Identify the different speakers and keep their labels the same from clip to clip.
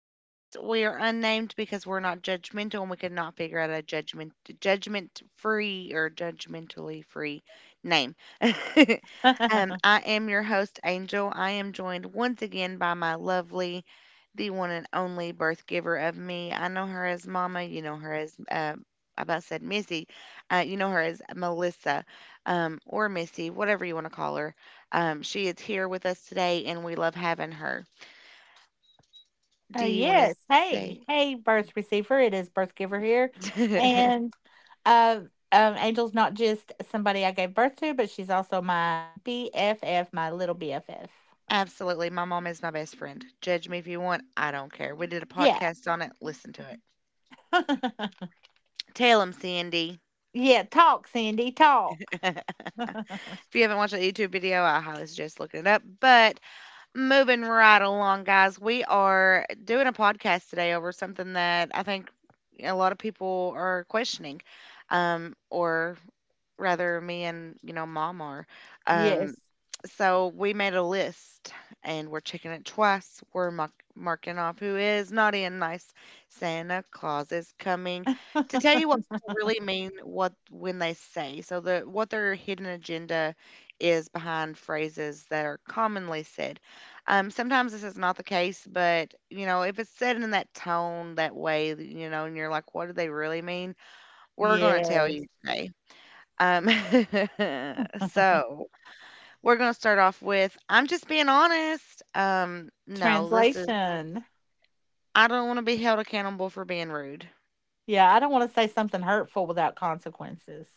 Speaker 1: Podcast. We are unnamed because we're not judgmental and we could not figure out a judgment free or judgmentally free name. I am your host, Angel. I am joined once again by my lovely, the one and only birth giver of me. I know her as Mama, you know her as I about said Missy. You know her as Melissa, or Missy, whatever you want to call her. She is here with us today, and we love having her. Do you want to
Speaker 2: Yes. Hey,
Speaker 1: say?
Speaker 2: hey, birth receiver. It is birth giver here, and uh, Angel's not just somebody I gave birth to, but she's also my BFF, my little BFF.
Speaker 1: Absolutely. My mom is my best friend. Judge me if you want. I don't care. We did a
Speaker 2: Yeah,
Speaker 1: podcast on it. Listen to it. Tell them, Sandy.
Speaker 2: yeah. Talk, Cindy. Talk.
Speaker 1: If you haven't watched that YouTube video, I highly suggest looking it up. But moving right along, guys, we are doing a podcast today over something that I think a lot of people are questioning, or rather me and mom are um
Speaker 2: yes.
Speaker 1: so we made a list, and we're checking it twice. We're marking off who is naughty and nice. Santa Claus is coming to tell you what people really mean what when they say, so the what their hidden agenda is behind phrases that are commonly said. Sometimes this is not the case, but if it's said in that tone that way, and you're like, what do they really mean? We're going to tell you
Speaker 2: Yes.
Speaker 1: today. um, so we're gonna start off with, I'm just being honest. No, this is,
Speaker 2: Translation.
Speaker 1: I don't want to be held accountable for being rude.
Speaker 2: Yeah, I don't want to say something hurtful without consequences.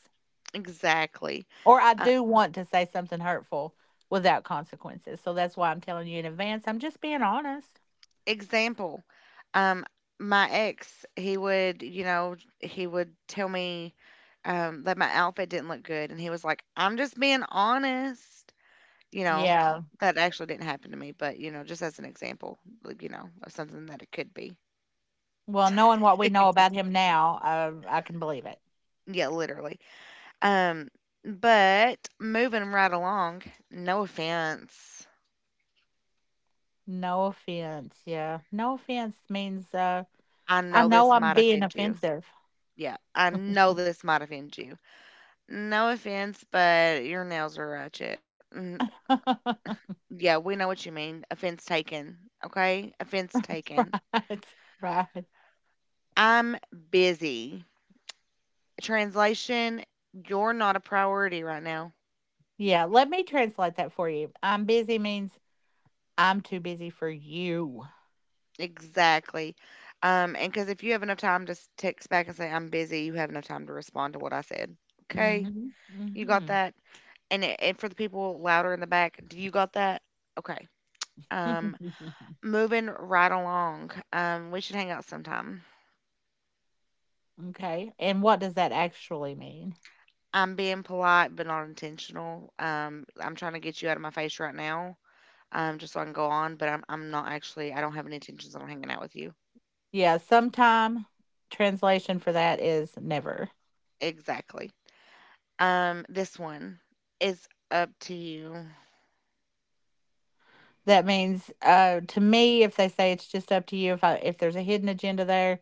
Speaker 1: Exactly.
Speaker 2: Or I
Speaker 1: Uh,
Speaker 2: do want to say something hurtful without consequences. So that's why I'm telling you in advance. I'm just being honest.
Speaker 1: Example, um, my ex, he would, he would tell me, that my outfit didn't look good, and he was like, "I'm just being honest." You know,
Speaker 2: Yeah.
Speaker 1: that actually didn't happen to me, but just as an example, like, of something that it could be.
Speaker 2: Well, knowing what we know about him now, I can believe it.
Speaker 1: Yeah, literally. Um, but moving right along, no offense.
Speaker 2: No offense. Yeah. No offense means
Speaker 1: I
Speaker 2: I
Speaker 1: know
Speaker 2: know
Speaker 1: this
Speaker 2: I'm
Speaker 1: might
Speaker 2: being
Speaker 1: offend you.
Speaker 2: offensive.
Speaker 1: Yeah, I know this might offend you. No offense, but your nails are ratchet. Mm. Yeah, we know what you mean. Offense taken. Okay? Offense taken.
Speaker 2: Right. Right.
Speaker 1: I'm busy. Translation, you're not a priority right now.
Speaker 2: Yeah, let me translate that for you. I'm busy means I'm too busy for you.
Speaker 1: Exactly. And because if you have enough time to text back and say I'm busy, you have enough time to respond to what I said. Okay?
Speaker 2: Mhm.
Speaker 1: You got
Speaker 2: Mhm.
Speaker 1: that? And for the people louder in the back, do you got that? Okay. Um, Moving right along. We should hang out sometime.
Speaker 2: Okay. And what does that actually mean?
Speaker 1: I'm being polite but not intentional. I'm trying to get you out of my face right now. Just so I can go on, but I'm not actually, I don't have any intentions on hanging out with you.
Speaker 2: Yeah, sometime translation for that is never.
Speaker 1: Exactly. This one is up to you.
Speaker 2: That means to me if they say it's just up to you, if there's a hidden agenda there,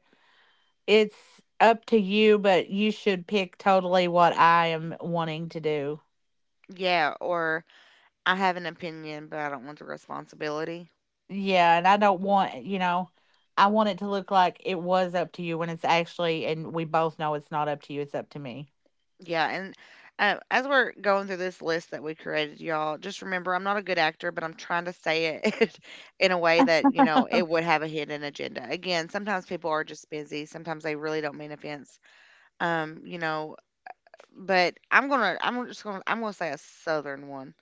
Speaker 2: it's up to you but you should pick totally what I am wanting to do.
Speaker 1: Yeah, or I have an opinion, but I don't want the responsibility.
Speaker 2: Yeah, and I don't want, I want it to look like it was up to you when it's actually, and we both know it's not up to you, it's up to me.
Speaker 1: Yeah, and as we're going through this list that we created, y'all, just remember I'm not a good actor, but I'm trying to say it in a way that, it would have a hidden agenda. Again, sometimes people are just busy. Sometimes they really don't mean offense. Um, you know, but I'm gonna I'm just gonna I'm gonna say a southern one.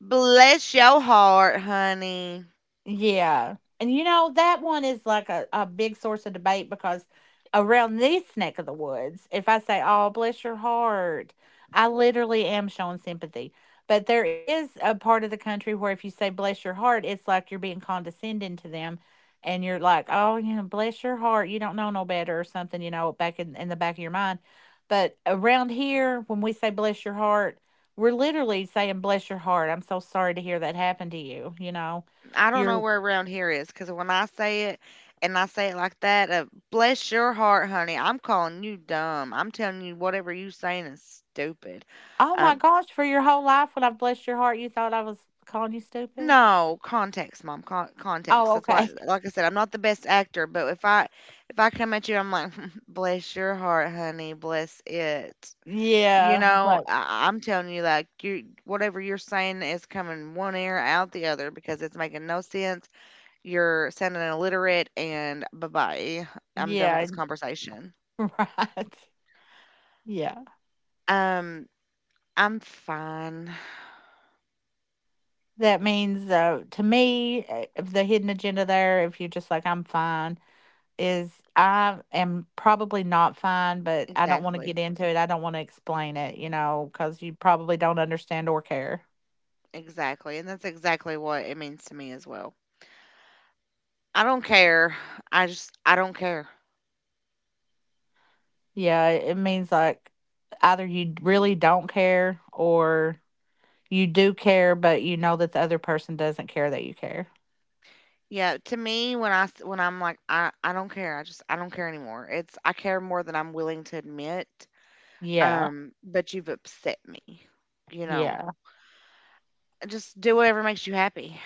Speaker 1: Bless your heart, honey.
Speaker 2: Yeah, and you know, that one is like a big source of debate because around this neck of the woods, if I say, "Oh, bless your heart," I literally am showing sympathy. But there is a part of the country where if you say, "Bless your heart," it's like you're being condescending to them. And you're like, "Oh, you know, bless your heart. You don't know no better," or something, you know, back in the back of your mind. But around here, when we say, "Bless your heart," we're literally saying, "Bless your heart. I'm so sorry to hear that happened to you," you know?
Speaker 1: I don't know
Speaker 2: You're
Speaker 1: where around here is because when I say it and I say it like that, bless your heart, honey. I'm calling you dumb. I'm telling you whatever you saying is stupid.
Speaker 2: Oh my
Speaker 1: Um,
Speaker 2: gosh, for your whole life when I have blessed your heart, you thought I was calling you stupid?
Speaker 1: no context, mom. Context.
Speaker 2: Oh,
Speaker 1: That's why.
Speaker 2: okay.
Speaker 1: Like I said, I'm not the best actor, but if I come at you, I'm like, bless your heart, honey. Bless it. You
Speaker 2: Yeah,
Speaker 1: know,
Speaker 2: like
Speaker 1: I'm telling you, whatever you're saying is coming one ear out the other because it's making no sense. You're sounding illiterate and bye-bye. I'm done with
Speaker 2: yeah,
Speaker 1: this conversation.
Speaker 2: right. Yeah.
Speaker 1: Um, I'm fine.
Speaker 2: That means, to me, the hidden agenda there, if you're just like, "I'm fine," is I am probably not fine, but I don't wanna
Speaker 1: Exactly.
Speaker 2: get into it, I don't wanna explain it, you know, because you probably don't understand or care.
Speaker 1: Exactly. And that's exactly what it means to me as well. I don't care. I just, I don't care.
Speaker 2: Yeah, it means, like, either you really don't care or you do care, but you know that the other person doesn't care that you care.
Speaker 1: Yeah, to me when I when I'm like, I don't care. I just, I don't care anymore. It's, I care more than I'm willing to admit.
Speaker 2: Yeah,
Speaker 1: But you've upset me. You know,
Speaker 2: yeah,
Speaker 1: just do whatever makes you happy.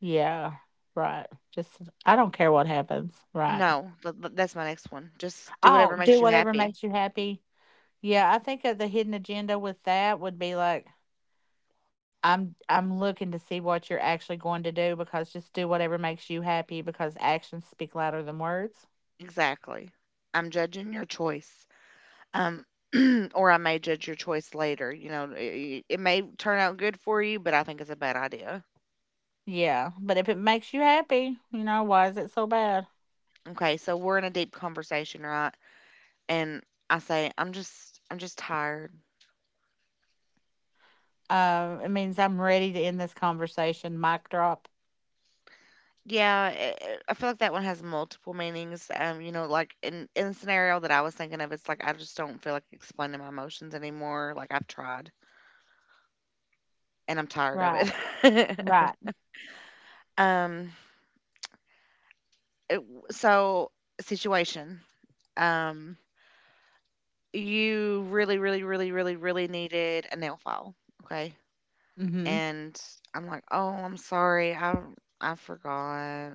Speaker 2: yeah, right. Just, I don't care what happens, right.
Speaker 1: No, that's my next one. Just do
Speaker 2: Oh,
Speaker 1: whatever
Speaker 2: do
Speaker 1: makes you
Speaker 2: whatever
Speaker 1: happy.
Speaker 2: makes you happy. Yeah, I think of the hidden agenda with that would be like, I'm looking to see what you're actually going to do because just do whatever makes you happy, because actions speak louder than words.
Speaker 1: Exactly. I'm judging your choice. Um, or I may judge your choice later. You know, it may turn out good for you, but I think it's a bad idea.
Speaker 2: Yeah, but if it makes you happy, you know, why is it so bad?
Speaker 1: Okay, so we're in a deep conversation, right? And I say, I'm just tired.
Speaker 2: It means I'm ready to end this conversation. Mic drop.
Speaker 1: Yeah, I feel like that one has multiple meanings. You know, like in the scenario that I was thinking of, it's like I just don't feel like explaining my emotions anymore. Like I've tried, and I'm tired of
Speaker 2: Right,
Speaker 1: it.
Speaker 2: right.
Speaker 1: um, so, situation. Um, you really, really, really, really, really needed a nail file. Okay.
Speaker 2: Mhm.
Speaker 1: And I'm like, oh, I'm sorry. I forgot.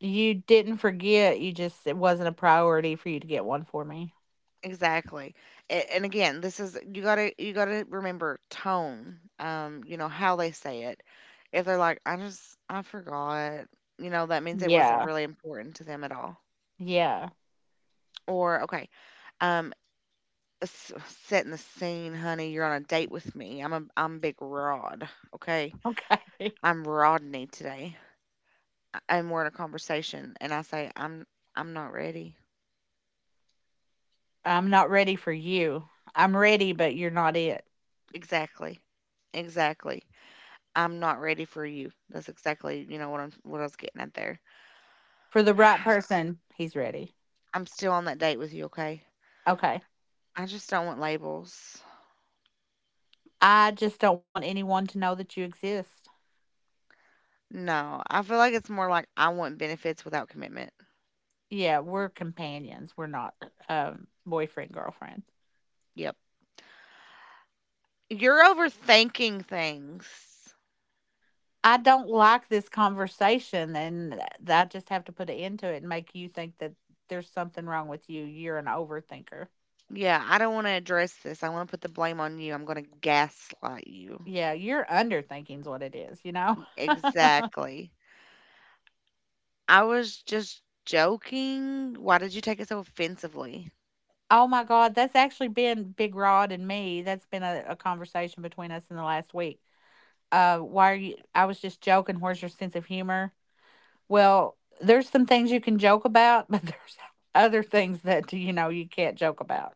Speaker 2: You didn't forget, you just it wasn't a priority for you to get one for me.
Speaker 1: Exactly. And again, this is, you gotta remember tone, you know, how they say it. If they're like, I forgot, you know, that means it wasn't
Speaker 2: Yeah.
Speaker 1: really important to them at all.
Speaker 2: Yeah.
Speaker 1: Or, okay, um, s- setting the scene, honey. You're on a date with me. I'm big Rod. Okay,
Speaker 2: Okay.
Speaker 1: I'm Rodney today. And we're in a conversation and I say, I'm not ready.
Speaker 2: I'm not ready for you. I'm ready, but you're not it.
Speaker 1: Exactly. Exactly. I'm not ready for you. That's exactly, what I'm what I was getting at there.
Speaker 2: For the right person, he's ready.
Speaker 1: I'm still on that date with you, okay?
Speaker 2: Okay.
Speaker 1: I just don't want labels.
Speaker 2: I just don't want anyone to know that you exist.
Speaker 1: No. I feel like it's more like I want benefits without commitment.
Speaker 2: Yeah, we're companions. We're not boyfriend, girlfriend.
Speaker 1: Yep. You're overthinking things.
Speaker 2: I don't like this conversation and th I just have to put an end to it and make you think that there's something wrong with you. You're an overthinker.
Speaker 1: Yeah, I don't want to address this. I want to put the blame on you. I'm going to gaslight you.
Speaker 2: Yeah, you're underthinking's what it is, you know?
Speaker 1: Exactly. I was just joking. Why did you take it so offensively?
Speaker 2: Oh my god, that's actually been Big Rod and me. That's been a conversation between us in the last week. Why are you? I was just joking. Where's your sense of humor? Well, there's some things you can joke about, but there's other things that you know you can't joke about.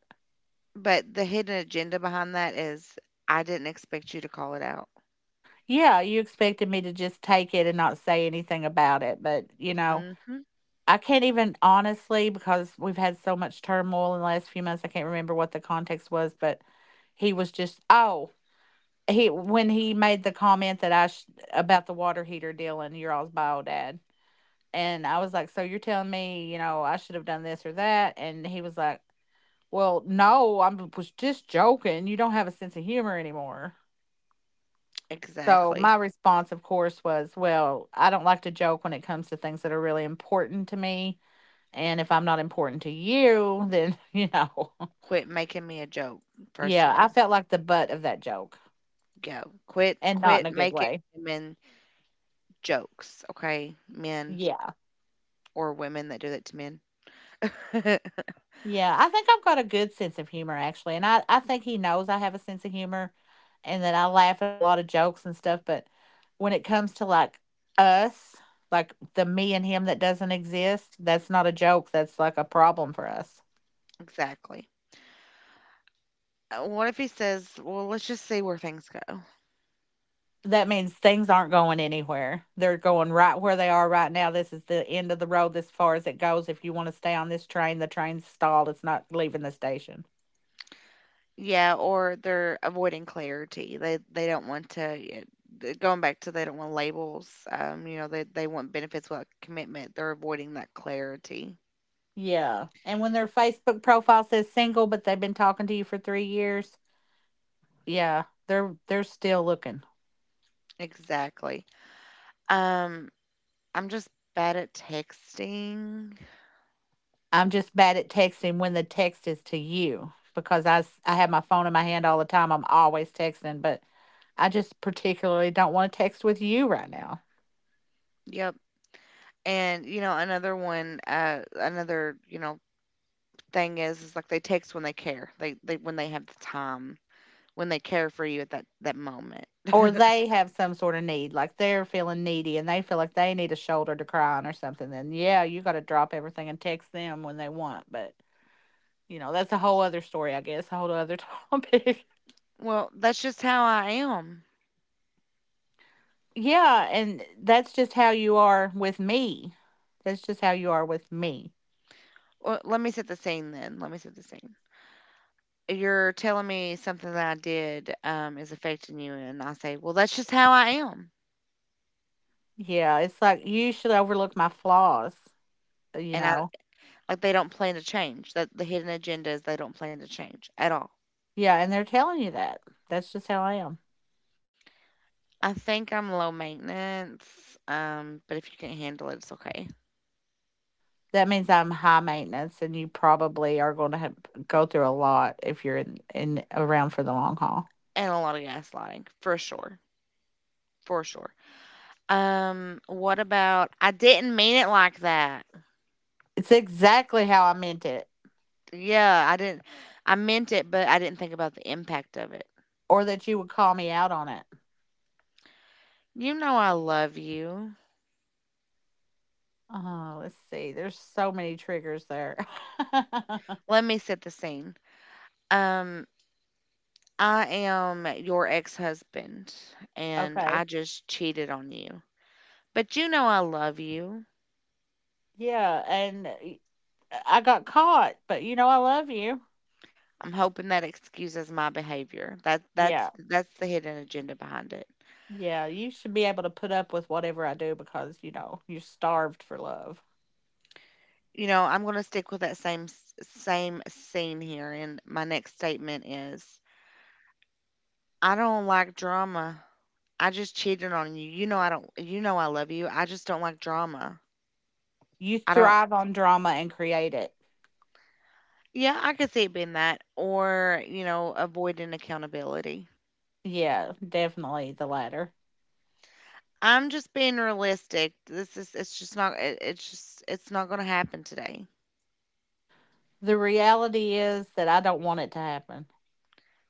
Speaker 1: But the hidden agenda behind that is I didn't expect you to call it out.
Speaker 2: Yeah, you expected me to just take it and not say anything about it, but you know.
Speaker 1: Mhm.
Speaker 2: I can't even honestly, because we've had so much turmoil in the last few months. I can't remember what the context was, but he was just oh he when he made the comment that about the water heater deal and your all's bio dad, and I was like, so you're telling me you know I should have done this or that, and he was like, well, no, I was just joking. You don't have a sense of humor anymore. So
Speaker 1: Exactly.
Speaker 2: my response, of course, was, well, I don't like to joke when it comes to things that are really important to me. And if I'm not important to you, then, you know,
Speaker 1: Quit making me a joke, first of
Speaker 2: yeah, I
Speaker 1: all.
Speaker 2: felt like the butt of that joke
Speaker 1: Go. Quit
Speaker 2: and not in
Speaker 1: quit
Speaker 2: a good
Speaker 1: making
Speaker 2: way.
Speaker 1: women jokes, okay? Men
Speaker 2: Yeah.
Speaker 1: or women that do that to men.
Speaker 2: Yeah. I think I've got a good sense of humor, actually. And I think he knows I have a sense of humor and that I laugh at a lot of jokes and stuff. But when it comes to like us, like the me and him that doesn't exist, that's not a joke. That's like a problem for us.
Speaker 1: Exactly. What if he says, "Well, let's just see where things go."
Speaker 2: That means things aren't going anywhere. They're going right where they are right now. This is the end of the road as far as it goes. If you want to stay on this train, the train's stalled. It's not leaving the station.
Speaker 1: Yeah, or they're avoiding clarity. They don't want to, yeah, going back to, they don't want labels. You know, they want benefits without commitment. They're avoiding that clarity.
Speaker 2: Yeah. And when their Facebook profile says single, but they've been talking to you for three years, yeah, they're still looking.
Speaker 1: Exactly. Um, I'm just bad at texting.
Speaker 2: I'm just bad at texting when the text is to you because I have my phone in my hand all the time. I'm always texting, but I just particularly don't want to text with you right now.
Speaker 1: Yep. And you know, another one, another, thing is like they text when they care. They when they have the time, when they care for you at that moment.
Speaker 2: Or they have some sort of need, like they're feeling needy and they feel like they need a shoulder to cry on or something, then yeah, you gotta drop everything and text them when they want. But, you know, that's a whole other story, I guess, a whole other topic.
Speaker 1: Well, that's just how I am.
Speaker 2: Yeah, and that's just how you are with me. That's just how you are with me.
Speaker 1: Well, let me set the scene then. Let me set the scene. You're telling me something that I did, is affecting you, and I say, well, that's just how I am,
Speaker 2: Yeah, it's like you should overlook my flaws. You
Speaker 1: and I,
Speaker 2: know?
Speaker 1: like, they don't plan to change. That The hidden agenda is they don't plan to change at all.
Speaker 2: Yeah, and they're telling you that. That's just how I am.
Speaker 1: I think I'm low maintenance, but if you can handle it, it's okay.
Speaker 2: That means I'm high maintenance, and you probably are gonna have go through a lot if you're in around for the long haul.
Speaker 1: And a lot of gaslighting for sure, for sure. What about, I didn't mean it like that?
Speaker 2: It's exactly how I meant it,
Speaker 1: Yeah, I didn't. I meant it, but I didn't think about the impact of it.
Speaker 2: or that you would call me out on it.
Speaker 1: You know, I love you.
Speaker 2: Oh, let's see. There's so many triggers there.
Speaker 1: Let me set the scene. Um, I am your ex husband and I
Speaker 2: Okay.
Speaker 1: just cheated on you. But you know I love you.
Speaker 2: Yeah, and y I got caught, but, you know, I love you.
Speaker 1: I'm hoping that excuses my behavior. That's
Speaker 2: Yeah.
Speaker 1: that's the hidden agenda behind it.
Speaker 2: Yeah, you should be able to put up with whatever I do because, you know, you're starved for love.
Speaker 1: You know, I'm going to stick with that same same scene here and my next statement is, I don't like drama. I just cheated on you. You know I don't, you know I love you. I just don't like drama.
Speaker 2: You
Speaker 1: I don't.
Speaker 2: thrive on drama and create it.
Speaker 1: Yeah, I could see it being that or, you know, avoiding accountability.
Speaker 2: Yeah, definitely the latter.
Speaker 1: I'm just being realistic. This is It's just not it, it's not going to happen today.
Speaker 2: The reality is that I don't want it to happen.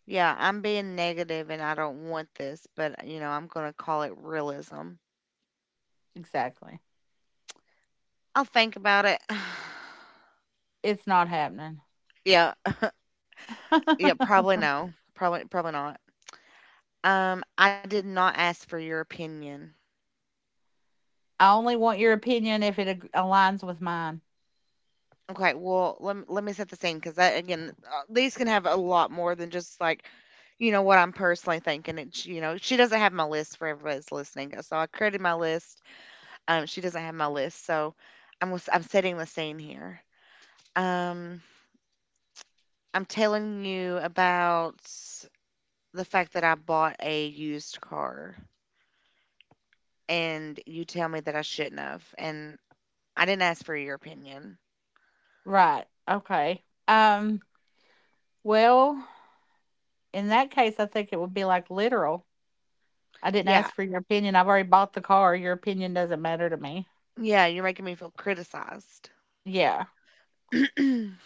Speaker 1: Yeah, I'm being negative and I don't want this, but you know, I'm going to call it realism.
Speaker 2: Exactly.
Speaker 1: I'll think about it.
Speaker 2: It's not happening.
Speaker 1: Yeah, yeah, probably
Speaker 2: I
Speaker 1: no. Probably not. I did not ask for your opinion.
Speaker 2: only want your opinion if it aligns with mine.
Speaker 1: Okay, well, let me set the scene cuz that, again, these can have a lot more than just like, you know what I'm personally thinking. It's, you know, she doesn't have my list. For everybody's listening, so I created my list. She doesn't have my list, so I'm setting the scene here. Um, I'm telling you about the fact that I bought a used car, and you tell me that I shouldn't have, and I didn't ask for your opinion.
Speaker 2: Right. Okay. Um, well, in that case I think it would be like literal. I didn't
Speaker 1: Yeah,
Speaker 2: ask for your opinion. I've already bought the car. Your opinion doesn't matter to me.
Speaker 1: yeah, you're making me feel criticized.
Speaker 2: Yeah.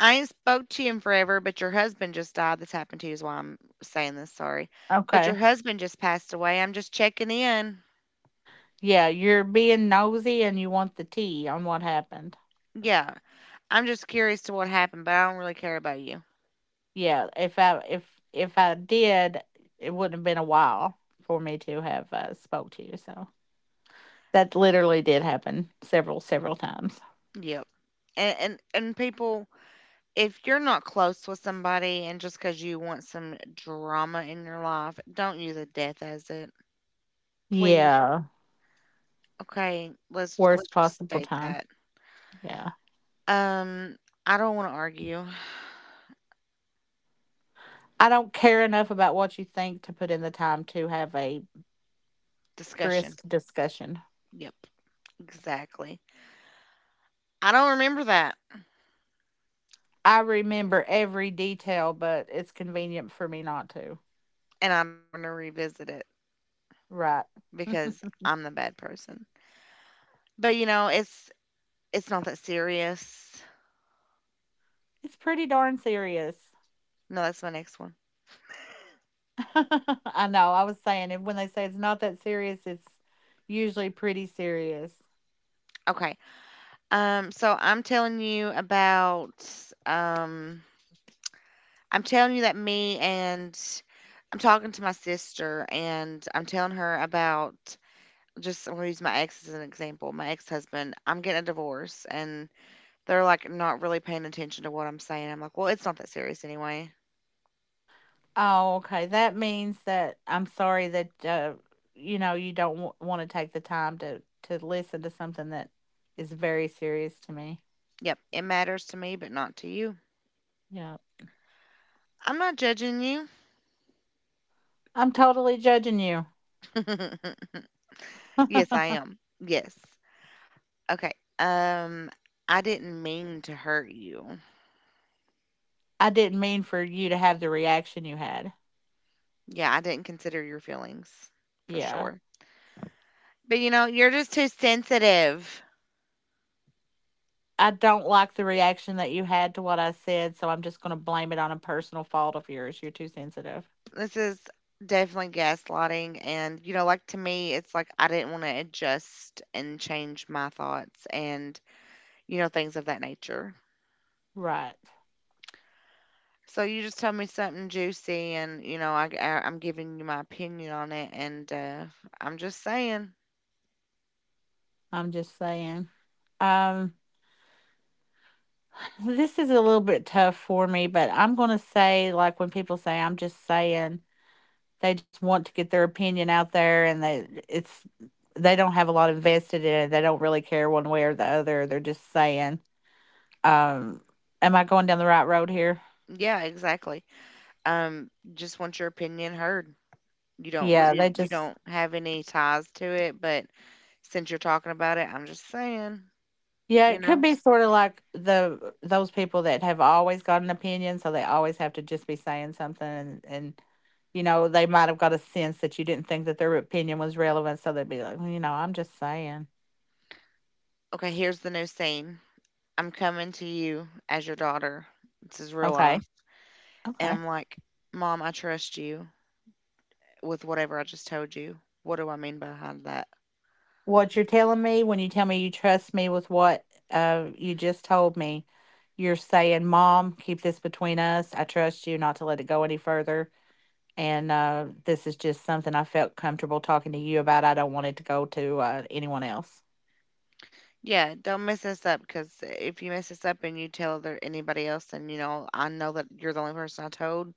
Speaker 1: I ain't spoke to you in forever, but your husband just died. This happened to you is why I'm saying this. Sorry, but your
Speaker 2: Okay.
Speaker 1: husband just passed away. I'm just checking in.
Speaker 2: Yeah, you're being nosy and you want the tea on what happened.
Speaker 1: Yeah, I'm just curious to what happened, but I don't really care about you.
Speaker 2: Yeah, if I did, it wouldn't have been a while for me to have spoke to you. So that literally did happen several several times.
Speaker 1: Yep. And people, if you're not close with somebody and just because you want some drama in your life, don't use a death as it. Please.
Speaker 2: Yeah,
Speaker 1: Okay, let's
Speaker 2: worst
Speaker 1: just
Speaker 2: possible
Speaker 1: state
Speaker 2: time.
Speaker 1: that.
Speaker 2: Yeah,
Speaker 1: Um, I don't want to argue.
Speaker 2: I don't care enough about what you think to put in the time to have a
Speaker 1: Discussion.
Speaker 2: brisk discussion.
Speaker 1: Yep, exactly. I don't remember that,
Speaker 2: I remember every detail, but it's convenient for me not to.
Speaker 1: and I don't want to revisit it
Speaker 2: Right.
Speaker 1: because I'm the bad person. But you know, it's not that serious.
Speaker 2: It's pretty darn serious.
Speaker 1: No, that's my next one.
Speaker 2: I know. I was saying it when they say it's not that serious, it's usually pretty serious.
Speaker 1: Okay. So I'm telling you about um I'm telling you that me and I'm talking to my sister and I'm telling her about just I'm gonna use my ex as an example. My ex husband, I'm getting a divorce, and they're like not really paying attention to what I'm saying. I'm like, well, it's not that serious anyway.
Speaker 2: Oh, okay. That means that I'm sorry that you know you don't want to take the time to listen to something that is very serious to me.
Speaker 1: Yep, it matters to me, but not to you.
Speaker 2: Yeah,
Speaker 1: I'm not judging you.
Speaker 2: I'm totally judging you.
Speaker 1: Yes, I am. Yes. Okay. Um, I didn't mean to hurt you.
Speaker 2: I didn't mean for you to have the reaction you had.
Speaker 1: Yeah, I didn't consider your feelings for
Speaker 2: Yeah.
Speaker 1: sure. But you know, you're just too sensitive.
Speaker 2: I don't like the reaction that you had to what I said, so I'm just going to blame it on a personal fault of yours. You're too sensitive.
Speaker 1: This is definitely gaslighting. And you know, like, to me, it's like I didn't want to adjust and change my thoughts and, you know, things of that nature.
Speaker 2: Right.
Speaker 1: So you just told me something juicy and, you know, I'm giving you my opinion on it. And I'm just saying,
Speaker 2: I'm just saying. Um, this is a little bit tough for me, but I'm going to say, like, when people say, I'm just saying, they just want to get their opinion out there and they don't have a lot invested in it. They don't really care one way or the other. They're just saying, um, am I going down the right road here?
Speaker 1: yeah, exactly. Um, just want your opinion heard. You don't,
Speaker 2: Yeah, they
Speaker 1: you, you
Speaker 2: just
Speaker 1: don't have any ties to it, but since you're talking about it, I'm just saying,
Speaker 2: Yeah,
Speaker 1: you
Speaker 2: it could
Speaker 1: know?
Speaker 2: be sort of like the those people that have always got an opinion, so they always have to just be saying something, and you know they might have got a sense that you didn't think that their opinion was relevant, so they'd be like, "Well, you know, I'm just saying.
Speaker 1: Okay, here's the new scene. I'm coming to you as your daughter. This is real
Speaker 2: Okay,
Speaker 1: life. And
Speaker 2: okay.
Speaker 1: I'm like, Mom, I trust you with whatever I just told you. What do I mean behind that?
Speaker 2: What you're telling me when you tell me you trust me with what you just told me, you're saying, "Mom, keep this between us. I trust you not to let it go any further. And this is just something I felt comfortable talking to you about. I don't want it to go to anyone else."
Speaker 1: Yeah, don't mess this up, because if you mess this up and you tell other, anybody else, and you know, I know that you're the only person I told,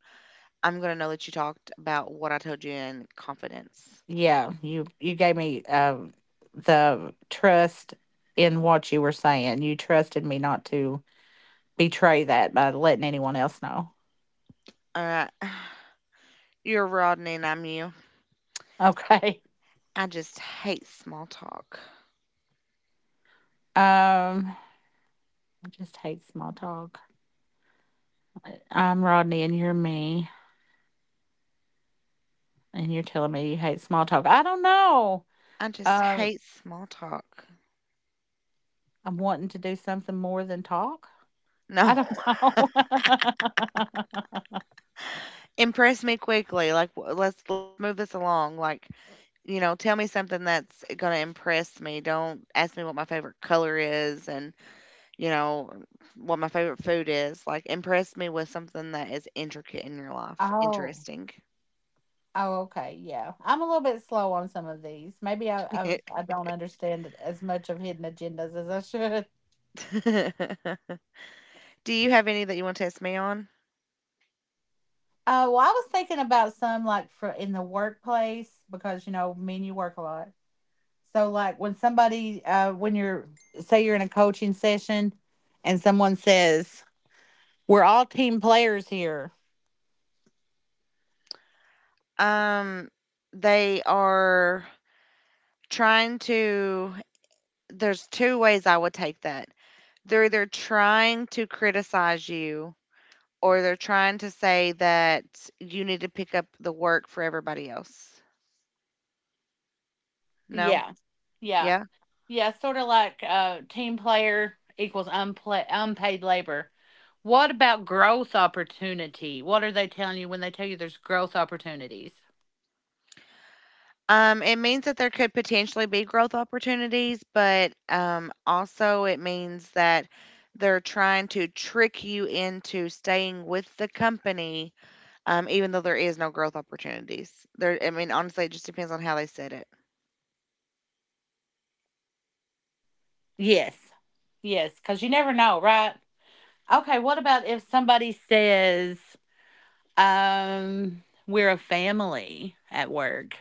Speaker 1: I'm going to know that you talked about what I told you in confidence.
Speaker 2: Yeah, you gave me the trust in what you were saying. You trusted me not to betray that by letting anyone else know.
Speaker 1: All right. You're Rodney and I'm you.
Speaker 2: Okay.
Speaker 1: I just hate small talk.
Speaker 2: Um I just hate small talk. I'm Rodney and you're me, and you're telling me you hate small talk. I don't know.
Speaker 1: I just
Speaker 2: Uh
Speaker 1: hate small talk.
Speaker 2: I'm wanting to do something more than talk. I
Speaker 1: No.
Speaker 2: don't know.
Speaker 1: Impress me quickly. Like, let's move this along. Like, you know, tell me something that's going to impress me. Don't ask me what my favorite color is and, you know, what my favorite food is. Like, impress me with something that is intricate in your life.
Speaker 2: Oh.
Speaker 1: Interesting.
Speaker 2: Oh, okay. Yeah. I'm a little bit slow on some of these. Maybe I, I,
Speaker 1: Do
Speaker 2: I don't understand it as much of hidden agendas as I should.
Speaker 1: you have any that you want to test me on?
Speaker 2: Well, I was thinking about some like for in the workplace because, you know, men, you work a lot. So, like when say you're in a coaching session and someone says, "We're all team players here."
Speaker 1: Um they are trying to, there's two ways I would take that. They're either trying to criticize you, or they're trying to say that you need to pick up the work for everybody else. No?
Speaker 2: Yeah. Yeah.
Speaker 1: Yeah.
Speaker 2: Yeah, sort of like team player equals unpla unpaid labor. What about growth opportunity? What are they telling you when they tell you there's growth opportunities?
Speaker 1: It means that there could potentially be growth opportunities, but also it means that they're trying to trick you into staying with the company, even though there is no growth opportunities. There, I mean, honestly, it just depends on how they said it.
Speaker 2: Yes. Yes, because you never know, right? Okay, what about if somebody says, um, "We're a family at work"?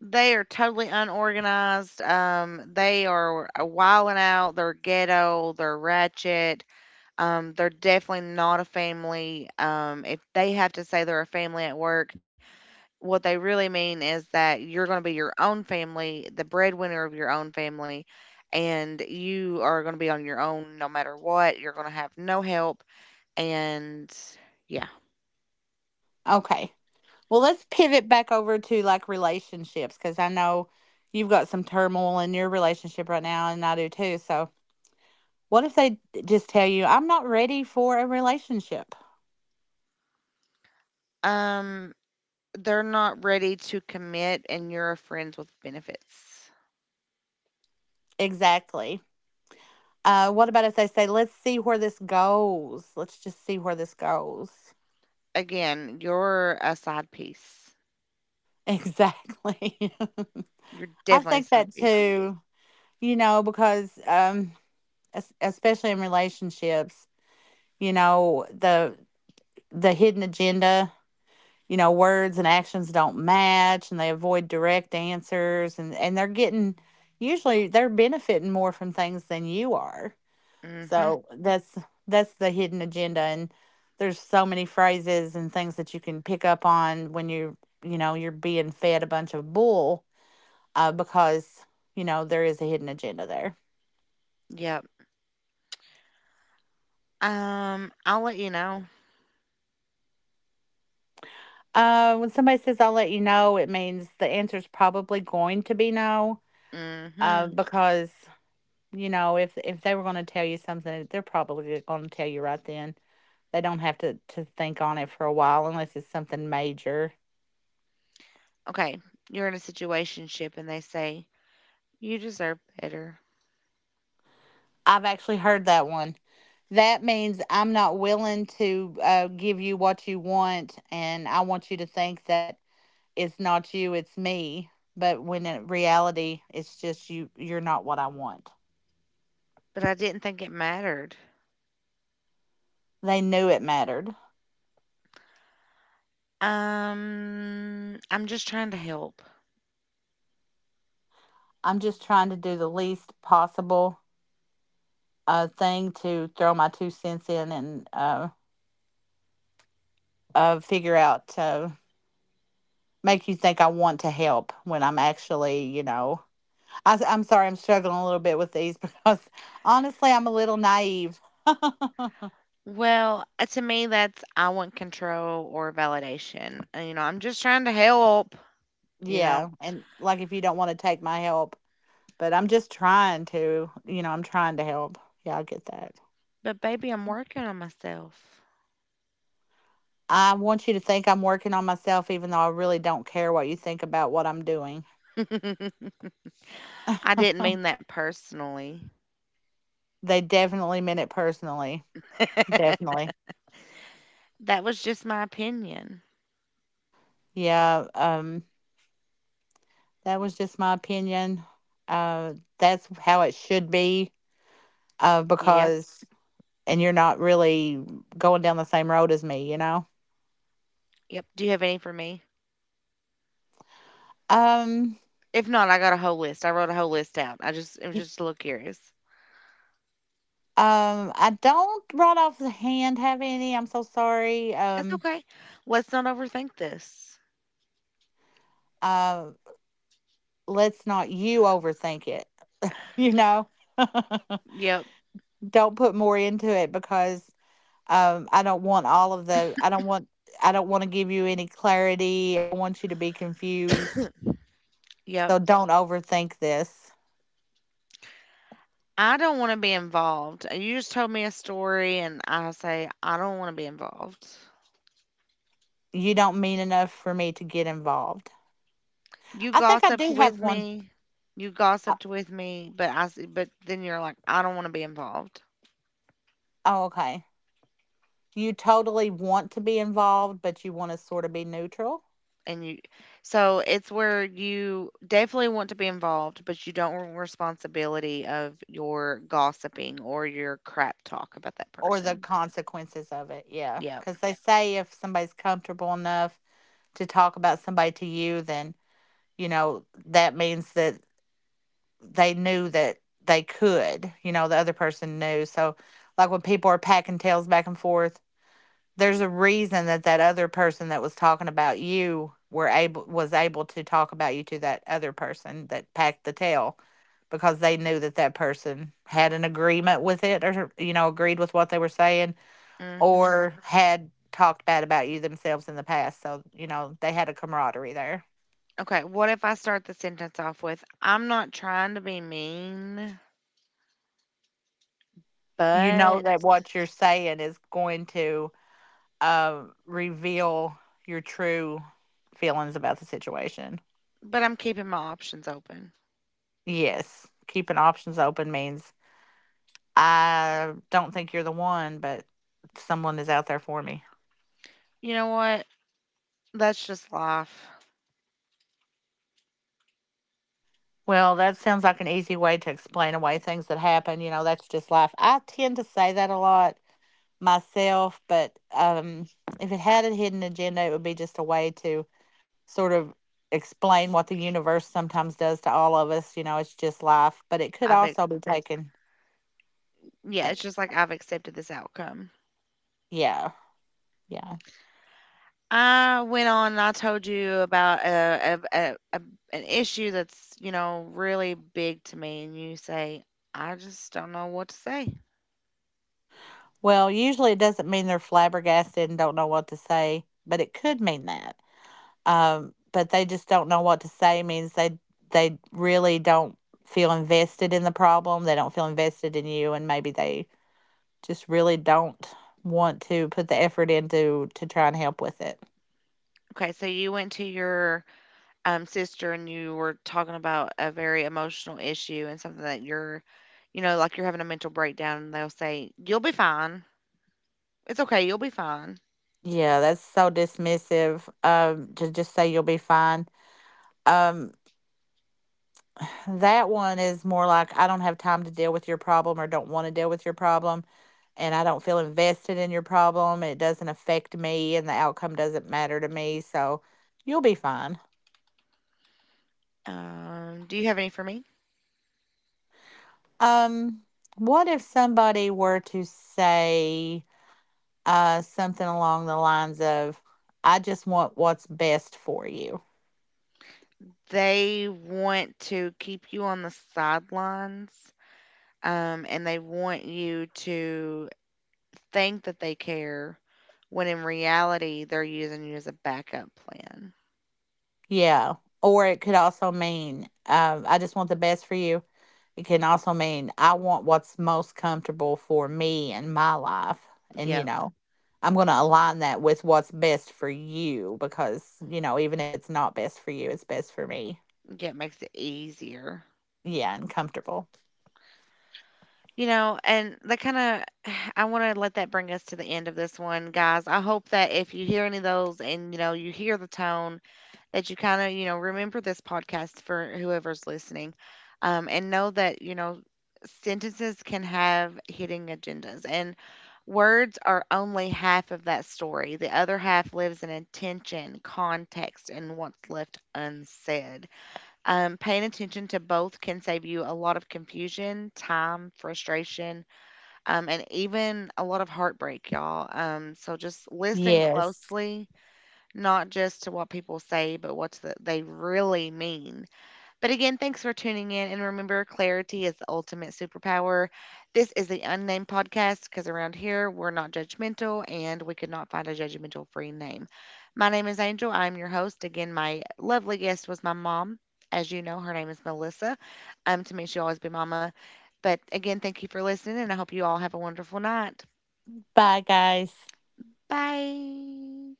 Speaker 1: They are totally unorganized. They are wilding out. They're ghetto. They're ratchet. They're definitely not a family. If they have to say they're a family at work, what they really mean is that you're going to be your own family, the breadwinner of your own family, and you are going to be on your own no matter what. You're going to have no help. And yeah,
Speaker 2: Okay. Well, let's pivot back over to like relationships because I know you've got some turmoil in your relationship right now, and I do too. So, what if they just tell you, "I'm not ready for a relationship"?
Speaker 1: um, they're not ready to commit, and you're a friends with benefits.
Speaker 2: Exactly. What about if they say, "Let's see where this goes. Let's just see where this goes."
Speaker 1: Again, you're a side piece.
Speaker 2: Exactly.
Speaker 1: You're
Speaker 2: I
Speaker 1: definitely a
Speaker 2: think
Speaker 1: side
Speaker 2: that
Speaker 1: piece.
Speaker 2: too, you know, because especially in relationships, you know, the hidden agenda, you know, words and actions don't match and they avoid direct answers, and they're getting, usually they're benefiting more from things than you are.
Speaker 1: Mm-hmm.
Speaker 2: So that's the hidden agenda, and there's so many phrases and things that you can pick up on when you know you're being fed a bunch of bull because you know there is a hidden agenda there.
Speaker 1: Yep. I'll let you know.
Speaker 2: When somebody says, "I'll let you know," it means the answer's probably going to be no
Speaker 1: Mm-hmm.
Speaker 2: because you know if they were going to tell you something, they're probably going to tell you right then. They don't have to think on it for a while unless it's something major.
Speaker 1: Okay. You're in a situationship and they say, you deserve better.
Speaker 2: I've actually heard that one. That means, "I'm not willing to give you what you want, and I want you to think that it's not you, it's me." But when in reality, it's just you, you're not what I want.
Speaker 1: But I didn't think it mattered.
Speaker 2: They knew it mattered.
Speaker 1: I'm just trying to help.
Speaker 2: I'm just trying to do the least possible thing to throw my two cents in and figure out to make you think I want to help when I'm actually, you know, I am sorry, I'm struggling a little bit with these because honestly, I'm a little naive.
Speaker 1: Well, to me, that's I want control or validation. You know, I'm just trying to help, you know.
Speaker 2: Yeah, and, like, if you don't wanna take my help, but I'm just trying to, you know, I'm trying to help. Yeah, I get that.
Speaker 1: But baby, I'm working on myself.
Speaker 2: I want you to think I'm working on myself even though I really don't care what you think about what I'm doing.
Speaker 1: I didn't mean that personally.
Speaker 2: They definitely meant it personally, definitely.
Speaker 1: That was just my opinion.
Speaker 2: Yeah, that was just my opinion. Uh, that's how it should be,
Speaker 1: Yep.
Speaker 2: because and you're not really going down the same road as me, you know?
Speaker 1: Yep. Do you have any for me?
Speaker 2: Um
Speaker 1: If not, I got a whole list. I wrote a whole list out. I just, it was just a little curious.
Speaker 2: I don't right off the hand have any. I'm so sorry.
Speaker 1: It's okay. Let's not overthink this.
Speaker 2: Uh, let's not you overthink it, you know?
Speaker 1: Yep.
Speaker 2: Don't put more into it because um I don't want all of the I don't want I don't want to give you any clarity. I want you to be confused.
Speaker 1: Yep.
Speaker 2: So don't overthink this.
Speaker 1: I don't want to be involved. You just told me a story, and I say, I don't want to be involved.
Speaker 2: You don't mean enough for me to get involved.
Speaker 1: You
Speaker 2: I think I
Speaker 1: gossiped
Speaker 2: do have
Speaker 1: with
Speaker 2: one.
Speaker 1: me. You
Speaker 2: uh,
Speaker 1: gossiped with me, but but then you're like, I don't want to be involved.
Speaker 2: Oh, okay. You totally want to be involved, but you want to sort of be neutral.
Speaker 1: And you, so it's where you definitely want to be involved, but you don't want responsibility of your gossiping or your crap talk about that
Speaker 2: Or the
Speaker 1: person.
Speaker 2: consequences of it. Yeah.
Speaker 1: Yep.
Speaker 2: Because they say if somebody's comfortable enough to talk about somebody to you, then, you know, that means that they knew that they could, you know, the other person knew. So, like when people are packing tails back and forth, there's a reason that that other person that was talking about you were able was able to talk about you to that other person that packed the tail, because they knew that that person had an agreement with it, or you know agreed with what they were saying
Speaker 1: Hmm.
Speaker 2: or had talked bad about you themselves in the past. So, you know, they had a camaraderie there.
Speaker 1: Okay. What if I start the sentence off with, I'm not trying to be mean,
Speaker 2: You know
Speaker 1: but
Speaker 2: that what you're saying is going to reveal your true feelings about the situation.
Speaker 1: but I'm keeping my options open.
Speaker 2: Yes. Keeping options open means I don't think you're the one, but someone is out there for me.
Speaker 1: You know what? That's just life.
Speaker 2: Well, that sounds like an easy way to explain away things that happen. You know, that's just life. I tend to say that a lot myself, but if it had a hidden agenda, it would be just a way to sort of explain what the universe sometimes does to all of us. You know, it's just life, but it could
Speaker 1: I've ex-
Speaker 2: also be taken.
Speaker 1: yeah,
Speaker 2: At,
Speaker 1: it's just like I've accepted this outcome.
Speaker 2: yeah, yeah.
Speaker 1: I went on and I told you about a an issue that's, you know, really big to me, and you say I just don't know what to say.
Speaker 2: Well, usually it doesn't mean they're flabbergasted and don't know what to say, but it could mean that. But they just don't know what to say means they really don't feel invested in the problem. They don't feel invested in you, and maybe they just really don't want to put the effort into to try and help with it.
Speaker 1: Okay, so you went to your sister and you were talking about a very emotional issue and something that you're, you know, like you're having a mental breakdown, and they'll say you'll be fine. It's okay, you'll be fine.
Speaker 2: Yeah, that's so dismissive. To just say you'll be fine. Um, that one is more like, "I don't have time to deal with your problem," or "don't want to deal with your problem, and I don't feel invested in your problem. It doesn't affect me, and the outcome doesn't matter to me. So you'll be fine."
Speaker 1: Do you have any for me?
Speaker 2: Um, what if somebody were to say something along the lines of, "I just want what's best for you"?
Speaker 1: They want to keep you on the sidelines, and they want you to think that they care when in reality they're using you as a backup plan.
Speaker 2: Yeah. Or it could also mean, "I just want the best for you." It can also mean, "I want what's most comfortable for me and my life." And, you
Speaker 1: Yep.
Speaker 2: know, I'm going to align that with what's best for you because, you know, even if it's not best for you, it's best for me.
Speaker 1: Yeah, it makes it easier.
Speaker 2: Yeah, and comfortable.
Speaker 1: You know, and that kind of, I want to let that bring us to the end of this one, guys. I hope that if you hear any of those and, you know, you hear the tone that you kind of, you know, remember this podcast for whoever's listening, and know that, you know, sentences can have hidden agendas. And words are only half of that story. The other half lives in intention, context, and what's left unsaid. Paying attention to both can save you a lot of confusion, time, frustration, and even a lot of heartbreak, y'all. So just listen
Speaker 2: Yes.
Speaker 1: closely, not just to what people say, but what they really mean. But again, thanks for tuning in. And remember, clarity is the ultimate superpower. This is the unnamed podcast because around here, we're not judgmental and we could not find a judgmental free name. My name is Angel. I'm your host. Again, my lovely guest was my mom. As you know, her name is Melissa. To me, she'll always be Mama. But again, thank you for listening, and I hope you all have a wonderful night.
Speaker 2: Bye, guys.
Speaker 1: Bye.